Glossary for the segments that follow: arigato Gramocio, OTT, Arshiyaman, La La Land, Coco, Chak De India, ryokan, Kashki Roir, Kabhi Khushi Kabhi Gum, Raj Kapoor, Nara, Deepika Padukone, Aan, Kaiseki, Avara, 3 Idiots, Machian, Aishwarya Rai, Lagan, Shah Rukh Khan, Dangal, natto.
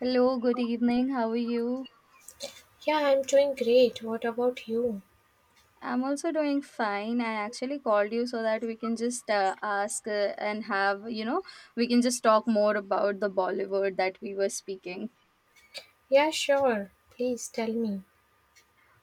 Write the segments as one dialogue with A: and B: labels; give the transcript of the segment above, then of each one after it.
A: Hello, good evening. How are you?
B: Yeah, I'm doing great. What about you?
A: I'm also doing fine. I actually called you so that we can just ask and have, we can just talk more about the Bollywood that we were speaking.
B: Yeah, sure. Please tell me.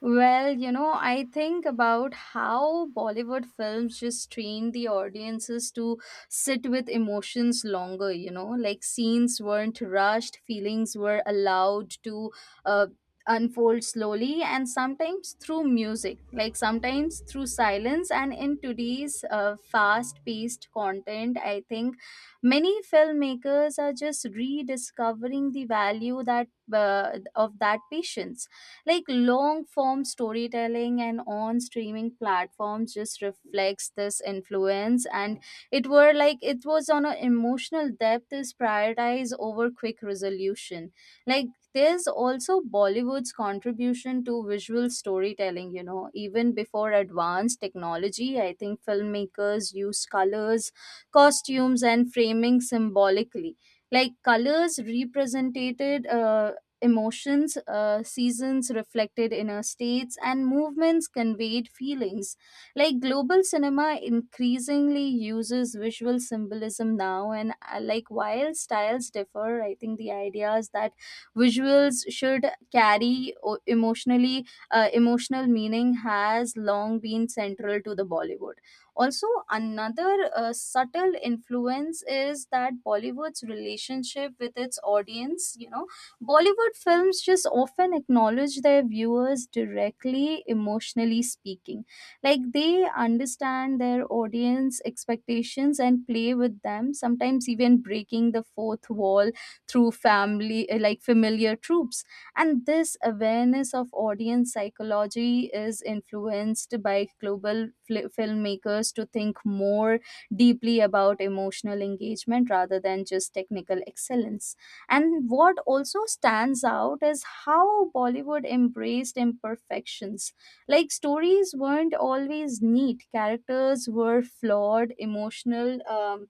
A: I think about how Bollywood films just train the audiences to sit with emotions longer, like scenes weren't rushed, feelings were allowed to uh, unfold slowly, and sometimes through music, like sometimes through silence. And in today's fast paced content, I think many filmmakers are just rediscovering the value that. Of that patience like long form storytelling and on streaming platforms just reflects this influence and it were like it was on an emotional depth is prioritized over quick resolution. Like there's also Bollywood's contribution to visual storytelling, you know, even before advanced technology I think filmmakers use colors, costumes and framing symbolically, like colors represented emotions, seasons reflected in our states, and movements conveyed feelings. Like global cinema increasingly uses visual symbolism now, and like while styles differ, I think the idea is that visuals should emotionally emotional meaning has long been central to the Bollywood. Also, another subtle influence is that Bollywood's relationship with its audience, you know, Bollywood films just often acknowledge their viewers directly, emotionally speaking. Like they understand their audience expectations and play with them, sometimes even breaking the fourth wall through like familiar tropes. And this awareness of audience psychology is influenced by global fli filmmakers to think more deeply about emotional engagement rather than just technical excellence. And what also stands out is how Bollywood embraced imperfections. Like stories weren't always neat, characters were flawed, emotional.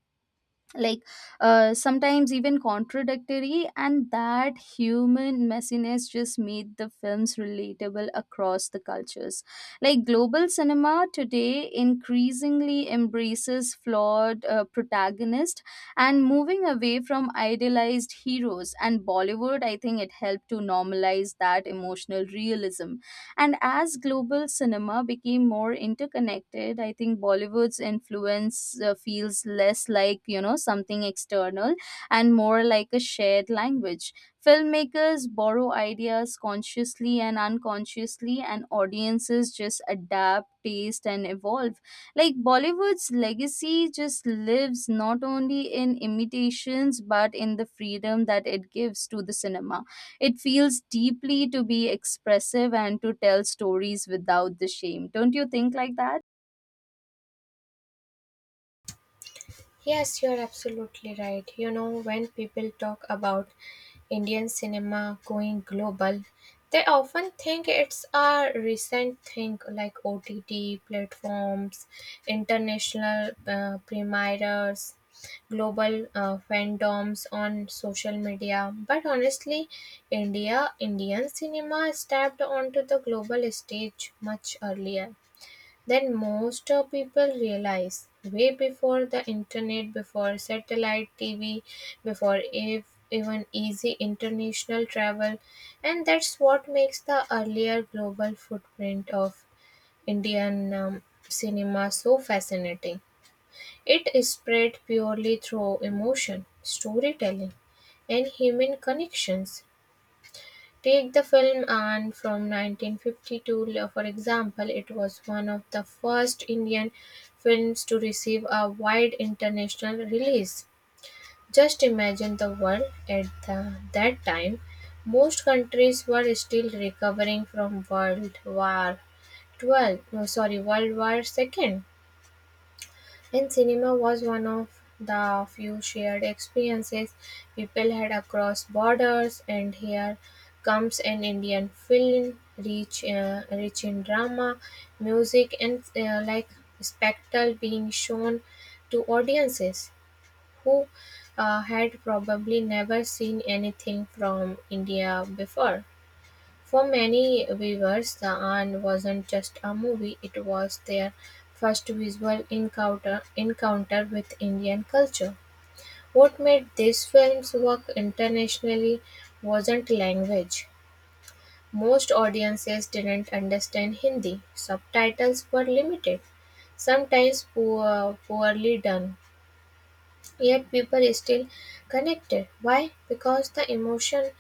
A: Like sometimes even contradictory, and that human messiness just made the films relatable across the cultures. Like global cinema today increasingly embraces flawed protagonists and moving away from idealized heroes, and Bollywood I think it helped to normalize that emotional realism. And as global cinema became more interconnected, I think Bollywood's influence feels less like, something external and more like a shared language. Filmmakers borrow ideas consciously and unconsciously, and audiences just adapt, taste, and evolve. Like Bollywood's legacy just lives not only in imitations but in the freedom that it gives to the cinema. It feels deeply to be expressive and to tell stories without the shame. Don't you think like that?
B: Yes, you're absolutely right. You know, when people talk about Indian cinema going global, they often think it's a recent thing like OTT platforms, international premieres, global fandoms on social media. But honestly, Indian cinema stepped onto the global stage much earlier. Then most of people realize way before the internet, before satellite TV, even easy international travel, and that's what makes the earlier global footprint of Indian cinema so fascinating. It is spread purely through emotion, storytelling, and human connections. Take the film Aan from 1952 for example, it was one of the first Indian films to receive a wide international release. Just imagine the world at that time. Most countries were still recovering from World War 12, no, sorry, World War II. And cinema was one of the few shared experiences people had across borders. And here comes an Indian film rich in drama, music, and like spectacle being shown to audiences who had probably never seen anything from India before. For many viewers, "The Aunt" wasn't just a movie, it was their first visual encounter with Indian culture. What made these films work internationally wasn't language. Most audiences didn't understand Hindi. Subtitles were limited, poorly done. Yet people is still connected. Why? Because the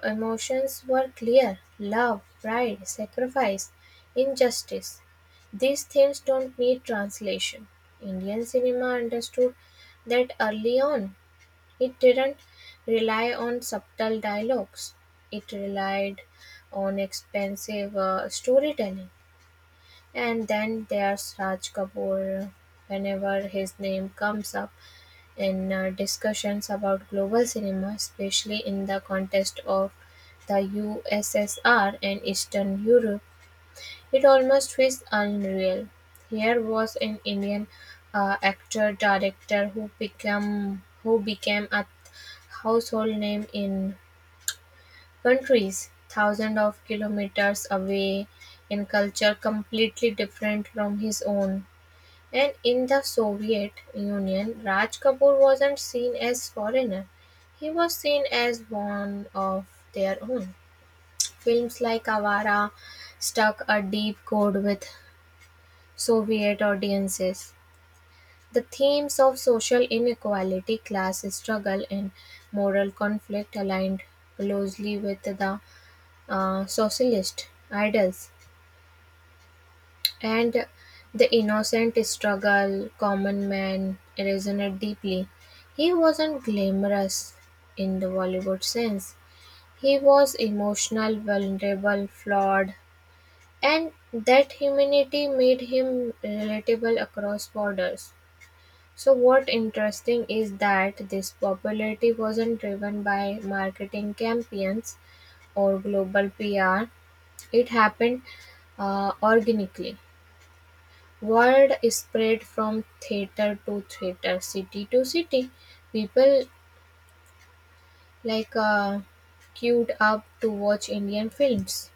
B: emotions were clear. Love, pride, sacrifice, injustice. These things don't need translation. Indian cinema understood that early on. It didn't rely on subtle dialogues. It relied on expensive storytelling. And then there's Raj Kapoor. Whenever his name comes up, in discussions about global cinema, especially in the context of the USSR and Eastern Europe. It almost feels unreal. Here was an Indian actor director who became a household name in countries thousands of kilometers away in culture completely different from his own. And in the Soviet Union, Raj Kapoor wasn't seen as foreigner, he was seen as one of their own. Films like Avara struck a deep chord with Soviet audiences. The themes of social inequality, class struggle, and moral conflict aligned closely with the socialist ideals. And the innocent struggle common man resonate deeply. He wasn't glamorous in the Bollywood sense. He was emotional, vulnerable, flawed, and that humanity made him relatable across borders. So, what interesting is that this popularity wasn't driven by marketing campaigns or global PR. It happened organically. Word spread from theatre to theatre, city to city; people like uh, queued up to watch Indian films.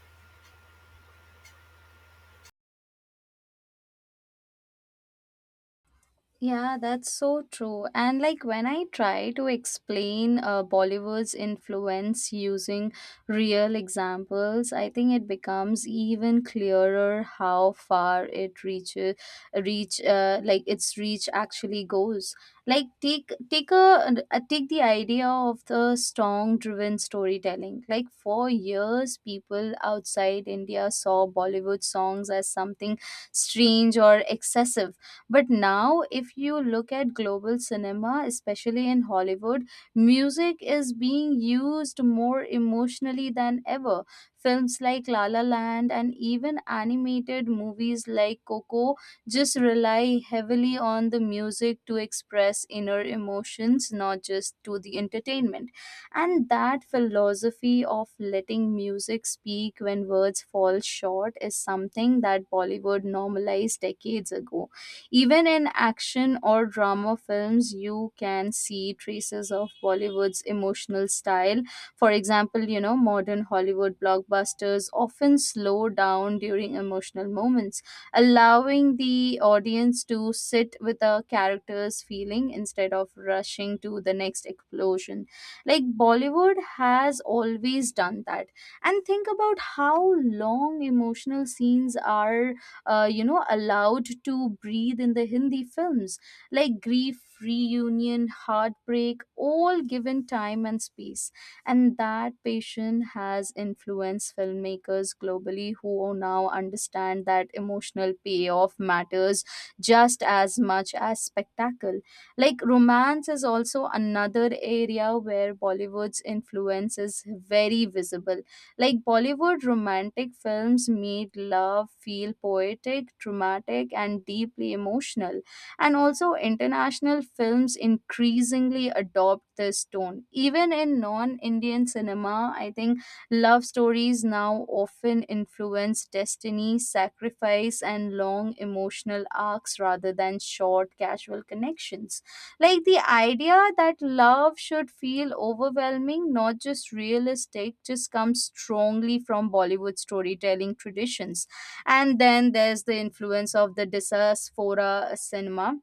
A: Yeah, that's so true. And like when I try to explain Bollywood's influence using real examples, I think it becomes even clearer how far it reaches, reach like its reach actually goes. Like take the idea of the strong driven storytelling. Like for years, people outside India saw Bollywood songs as something strange or excessive, but now, if you look at global cinema, especially in Hollywood, music is being used more emotionally than ever. Films like La La Land and even animated movies like Coco just rely heavily on the music to express inner emotions, not just to the entertainment. And that philosophy of letting music speak when words fall short is something that Bollywood normalized decades ago. Even in action or drama films, you can see traces of Bollywood's emotional style. For example, modern Hollywood blockbusters often slow down during emotional moments, allowing the audience to sit with a character's feeling instead of rushing to the next explosion. Like Bollywood has always done that. And think about how long emotional scenes are you know allowed to breathe in the Hindi films, like grief, reunion, heartbreak, all given time and space. And that patient has influenced filmmakers globally who now understand that emotional payoff matters just as much as spectacle. Like romance is also another area where Bollywood's influence is very visible. Like Bollywood romantic films made love feel poetic, dramatic, and deeply emotional. And also, international films increasingly adopt this tone. Even in non Indian cinema, I think love stories now often influence destiny, sacrifice, and long emotional arcs rather than short, casual connections, like the idea that love should feel overwhelming, not just realistic, just comes strongly from Bollywood storytelling traditions. And then there's the influence of the diaspora cinema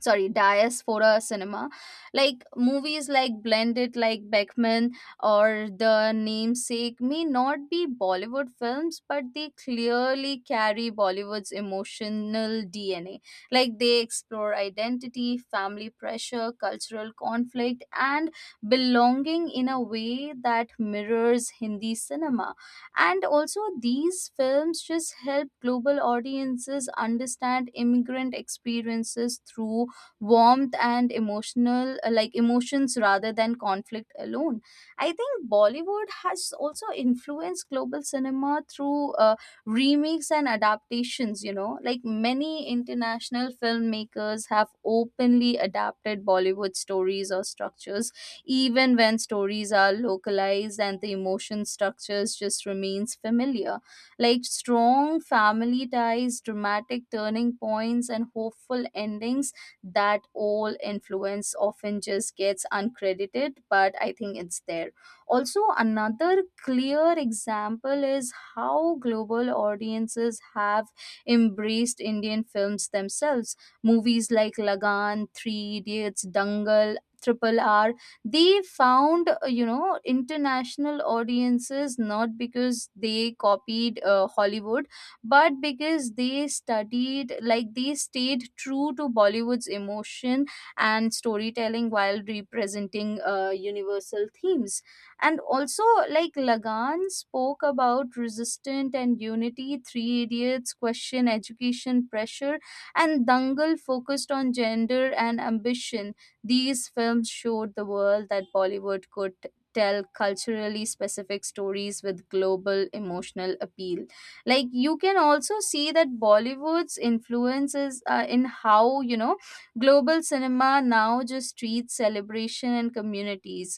A: sorry diaspora cinema. Like movies like blended like Beckman or The Namesake may not be Bollywood films, but they clearly carry Bollywood's emotional DNA. Like they explore identity, family pressure, cultural conflict and belonging in a way that mirrors Hindi cinema. And also these films just help global audiences understand immigrant experiences through warmth and emotional like emotions rather than conflict alone. I think Bollywood has also influenced global cinema through remakes and adaptations, you know, like many international filmmakers have openly adapted Bollywood stories or structures. Even when stories are localized, and the emotion structures just remains familiar, like strong family ties, dramatic turning points and hopeful endings. That all influence often just gets uncredited, but I think it's there. Also another clear example is how global audiences have embraced Indian films themselves. Movies like lagan 3 Idiots, Dangal, Triple R, they found international audiences not because they copied Hollywood, but because they studied, like they stayed true to Bollywood's emotion and storytelling while representing universal themes. And also like lagan spoke about resistance and unity, Three Idiots question education pressure, and Dangal focused on gender and ambition. These films showed the world that Bollywood could tell culturally specific stories with global emotional appeal. Like you can also see that Bollywood's influences in how you know global cinema now just treats celebration and communities,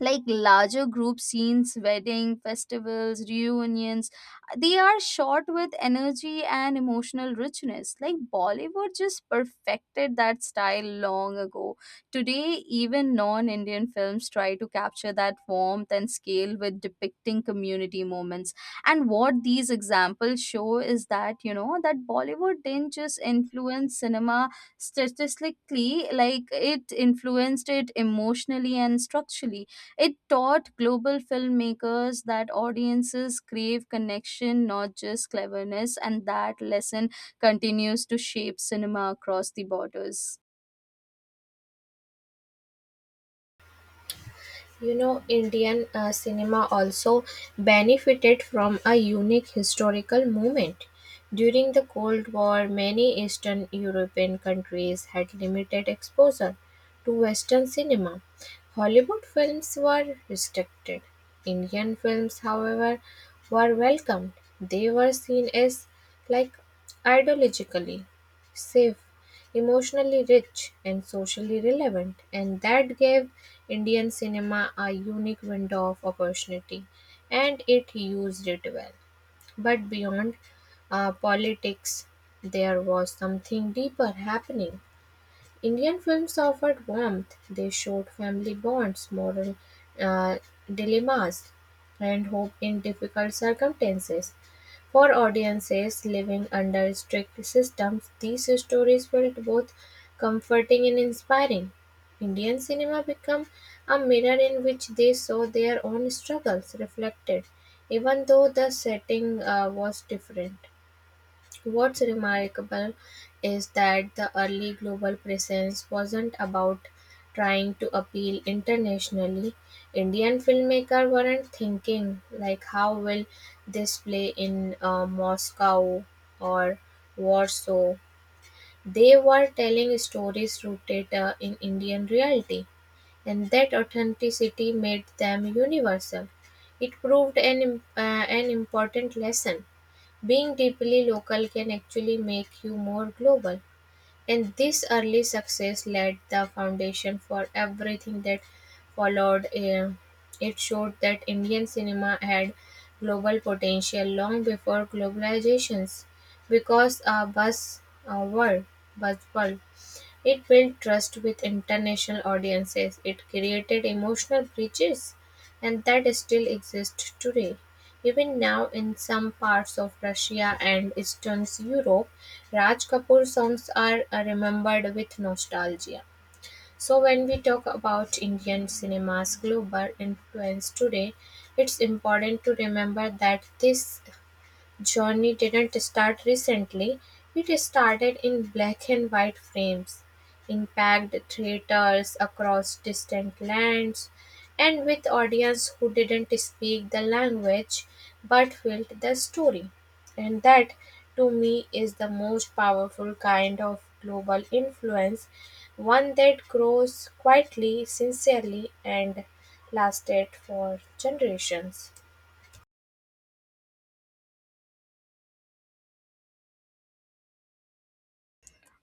A: like larger group scenes, wedding, festivals, reunions, they are shot with energy and emotional richness. Like Bollywood just perfected that style long ago. Today, even non Indian films try to capture that warmth and scale with depicting community moments. And what these examples show is that, you know, that Bollywood didn't just influence cinema statistically, like it influenced it emotionally and structurally. It taught global filmmakers that audiences crave connection, not just cleverness, and that lesson continues to shape cinema across the borders.
B: You know, Indian cinema also benefited from a unique historical moment. During the Cold War, many Eastern European countries had limited exposure to Western cinema. Hollywood films were restricted. Indian films, however, were welcomed. They were seen as like ideologically safe, emotionally rich, and socially relevant, and that gave Indian cinema a unique window of opportunity, and it used it well. But beyond politics, there was something deeper happening. Indian films offered warmth; they showed family bonds, moral uh, dilemmas, and hope in difficult circumstances. For audiences living under strict systems, these stories felt both comforting and inspiring. Indian cinema became a mirror in which they saw their own struggles reflected, even though the setting was different. What's remarkable is that the early global presence wasn't about trying to appeal internationally. Indian filmmakers weren't thinking, like, how will this play in Moscow or Warsaw? They were telling stories rooted in Indian reality, and that authenticity made them universal. It proved an important lesson. Being deeply local can actually make you more global. And this early success laid the foundation for everything that followed. It showed that Indian cinema had global potential long before globalizations, because a world, bus world. It built trust with international audiences, it created emotional bridges, and that still exists today. Even now, in some parts of Russia and Eastern Europe, Raj Kapoor songs are remembered with nostalgia. So, when we talk about Indian cinema's global influence today, it's important to remember that this journey didn't start recently, it started in black-and-white frames, in packed theaters across distant lands, and with audiences who didn't speak the language but felt the story. And that, to me, is the most powerful kind of global influence, one that grows quietly, sincerely, and lasted for generations.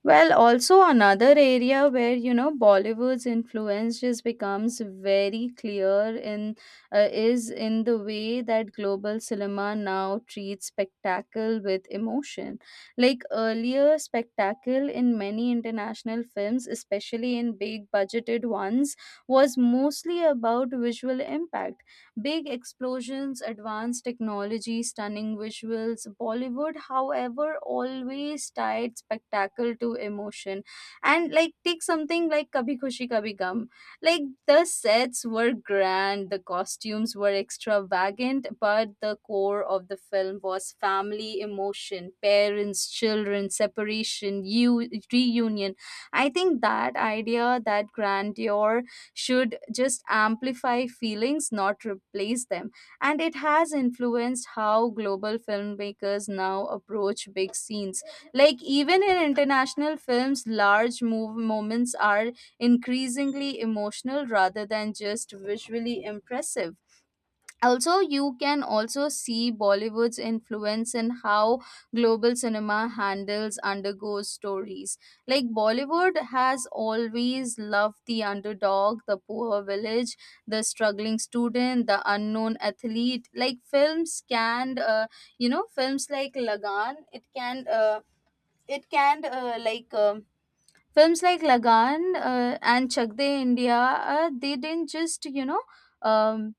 A: Well, also another area where you know Bollywood's influence just becomes very clear in is in the way that global cinema now treats spectacle with emotion. Like earlier, spectacle in many international films, especially in big budgeted ones, was mostly about visual impact. Big explosions, advanced technology, stunning visuals. Bollywood, however, always tied spectacle to emotion. And like take something like Kabhi Khushi Kabhi Gum. Like the sets were grand, the costumes were extravagant, but the core of the film was family emotion, parents, children, separation, you reunion. I think that idea, that grandeur should just amplify feelings, not replace them. And it has influenced how global filmmakers now approach big scenes. Like, even in international films, large moments are increasingly emotional rather than just visually impressive. Also you can also see Bollywood's influence in how global cinema handles undergoes stories. Like Bollywood has always loved the underdog, the poor village, the struggling student, the unknown athlete. Like films can you know films like lagan it can like films like lagan and Chak De India uh, they didn't just you know um,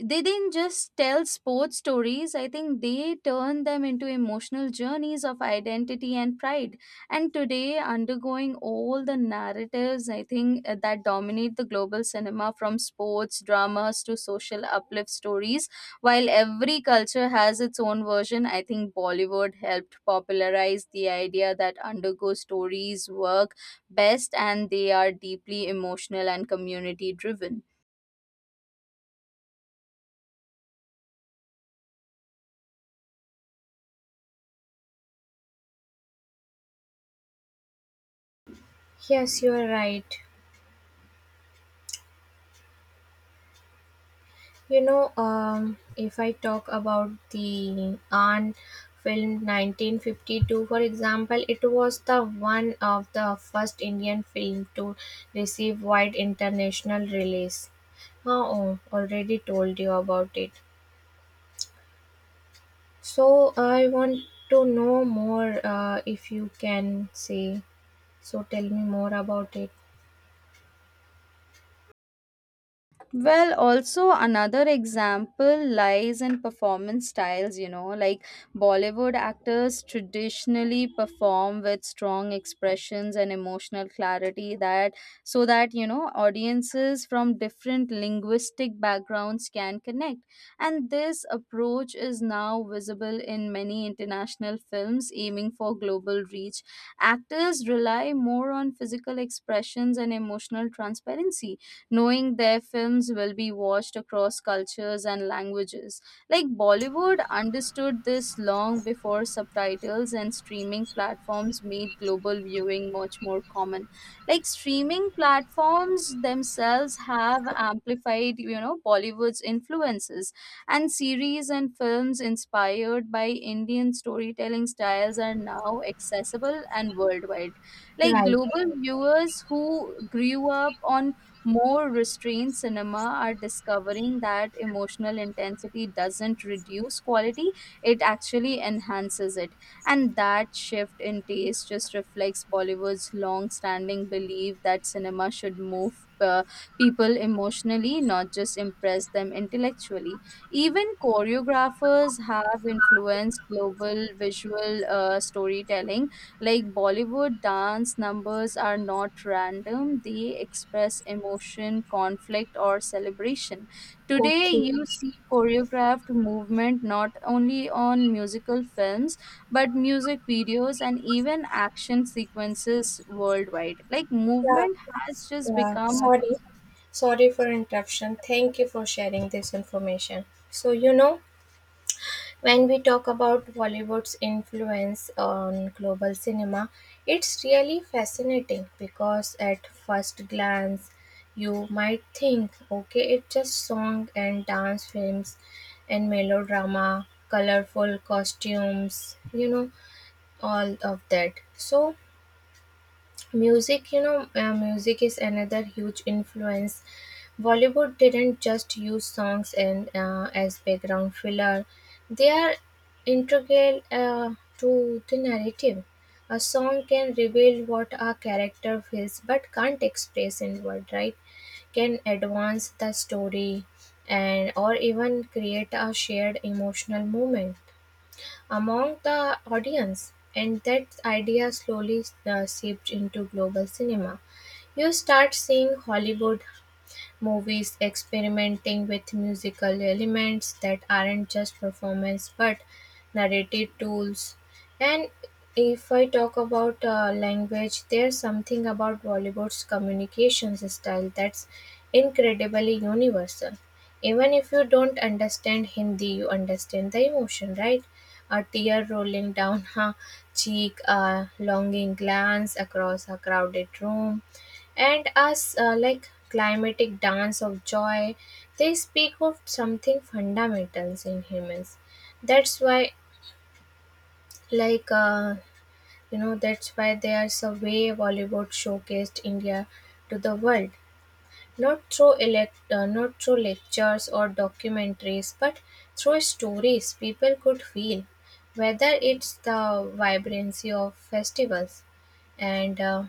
A: they didn't just tell sports stories, I think they turned them into emotional journeys of identity and pride. And today undergoing all the narratives I think that dominate the global cinema from sports dramas to social uplift stories, while every culture has its own version, I think Bollywood helped popularize the idea that undergo stories work best and they are deeply emotional and community driven.
B: Yes, you are right. You know, if I talk about the Anne film 1952, for example, it was the one of the first Indian film to receive wide international release. Oh, already told you about it. So I want to know more if you can say. So tell me more about it.
A: Well, also another example lies in performance styles, you know, like Bollywood actors traditionally perform with strong expressions and emotional clarity that so that, you know, audiences from different linguistic backgrounds can connect. And this approach is now visible in many international films aiming for global reach. Actors rely more on physical expressions and emotional transparency, knowing their films will be watched across cultures and languages. Like Bollywood understood this long before subtitles and streaming platforms made global viewing much more common. Like streaming platforms themselves have amplified, you know, Bollywood's influences, and series and films inspired by Indian storytelling styles are now accessible and worldwide. Like
B: Right.
A: global viewers who grew up on more restrained cinema are discovering that emotional intensity doesn't reduce quality, it actually enhances it. And that shift in taste just reflects Bollywood's long standing belief that cinema should move people emotionally, not just impress them intellectually. Even choreographers have influenced global visual storytelling, like Bollywood dance numbers are not random, they express emotion, conflict, or celebration. Today,
B: Okay.
A: you see choreographed movement not only on musical films but music videos and even action sequences worldwide. Like,
B: Yeah.
A: movement has just
B: Yeah.
A: become.
B: Sorry. Sorry for interruption. Thank you for sharing this information. So, you know, When we talk about Bollywood's influence on global cinema, it's really fascinating because at first glance, you might think, okay, it's just song and dance films and melodrama, colorful costumes, you know, all of that. So, Music, music is another huge influence. Bollywood didn't just use songs and as background filler; they are integral to the narrative. A song can reveal what a character feels but can't express in word, right? Can advance the story and or even create a shared emotional moment among the audience, and that idea slowly seeped into global cinema. You start seeing Hollywood movies experimenting with musical elements that aren't just performance but narrative tools. And if I talk about language, there's something about Bollywood's communications style that's incredibly universal. Even if you don't understand Hindi, you understand the emotion, right? A tear rolling down her cheek, a longing glance across a crowded room, and as like climatic dance of joy they speak of something fundamentals in humans. That's why like uh, that's why there's a way Bollywood showcased India to the world, not through lectures or documentaries but through stories people could feel, whether it's the vibrancy of festivals and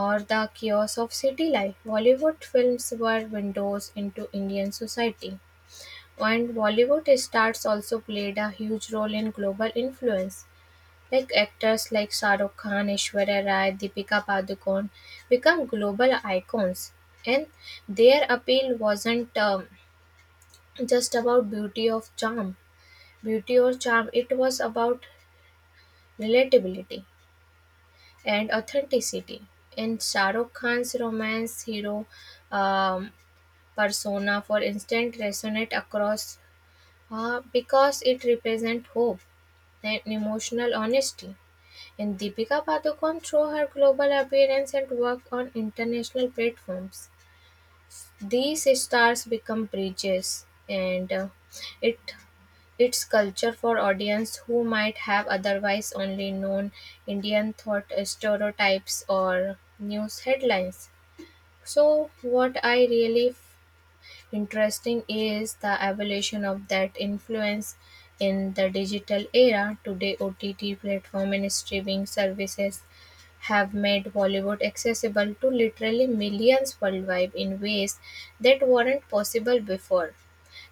B: or the chaos of city life. Bollywood films were windows into Indian society, and Bollywood stars also played a huge role in global influence. Like actors like Shah Rukh Khan, Aishwarya Rai, Deepika Padukone become global icons, and their appeal wasn't just about beauty of charm, beauty or charm. It was about relatability and authenticity. In Shah Rukh Khan's romance hero, um, persona, for instance, resonate across because it represents hope and emotional honesty. And Deepika Padukone, through her global appearance and work on international platforms, these stars become bridges, and it its culture for audience who might have otherwise only known Indian thought stereotypes or news headlines. So, what I really interesting is the evolution of that influence in the digital era. Today, OTT platform and streaming services have made Bollywood accessible to literally millions worldwide in ways that weren't possible before.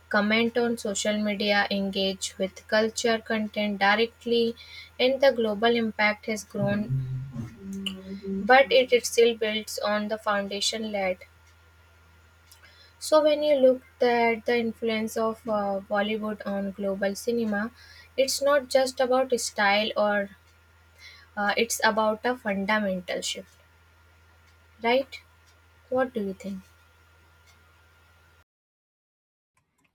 B: Comment on social media, engage with culture content directly, and the global impact has grown, but it still builds on the foundation laid. So when you look at the influence of Bollywood on global cinema, it's not just about style or it's about a fundamental shift, right? What do you think?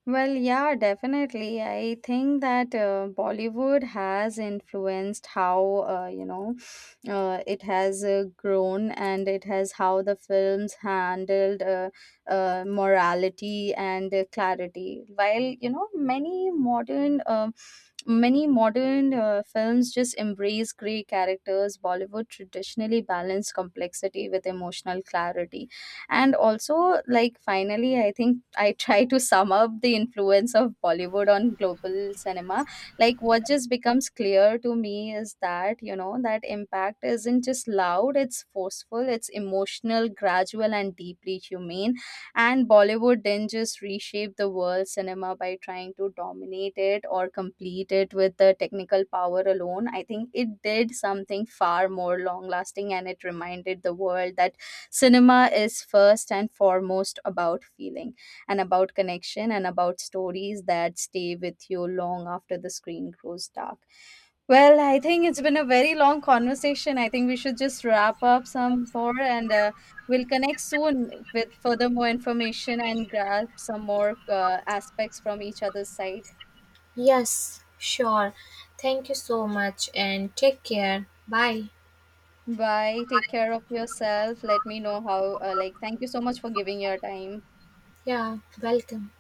A: Well, yeah, definitely. I think that Bollywood has influenced it has grown and it has how the films handled morality and clarity. While, you know, many modern films just embrace gray characters. Bollywood traditionally balanced complexity with emotional clarity. And also like finally, I think I try to sum up the influence of Bollywood on global cinema. Like what just becomes clear to me is that, you know, that impact isn't just loud, it's forceful, it's emotional, gradual and deeply humane. And Bollywood didn't just reshape the world cinema by trying to dominate it or complete it with the technical power alone. I think it did something far more long lasting, and it reminded the world that cinema is first and foremost about feeling and about connection and about stories that stay with you long after the screen grows dark. Well, I think it's been a very long conversation. I think we should just wrap up some more, and we'll connect soon with further more information and grab some more aspects from each other's side.
B: Yes, sure. Thank you so much and take care. Bye.
A: Bye, take care of yourself. Let me know how thank you so much for giving your time.
B: Yeah, welcome.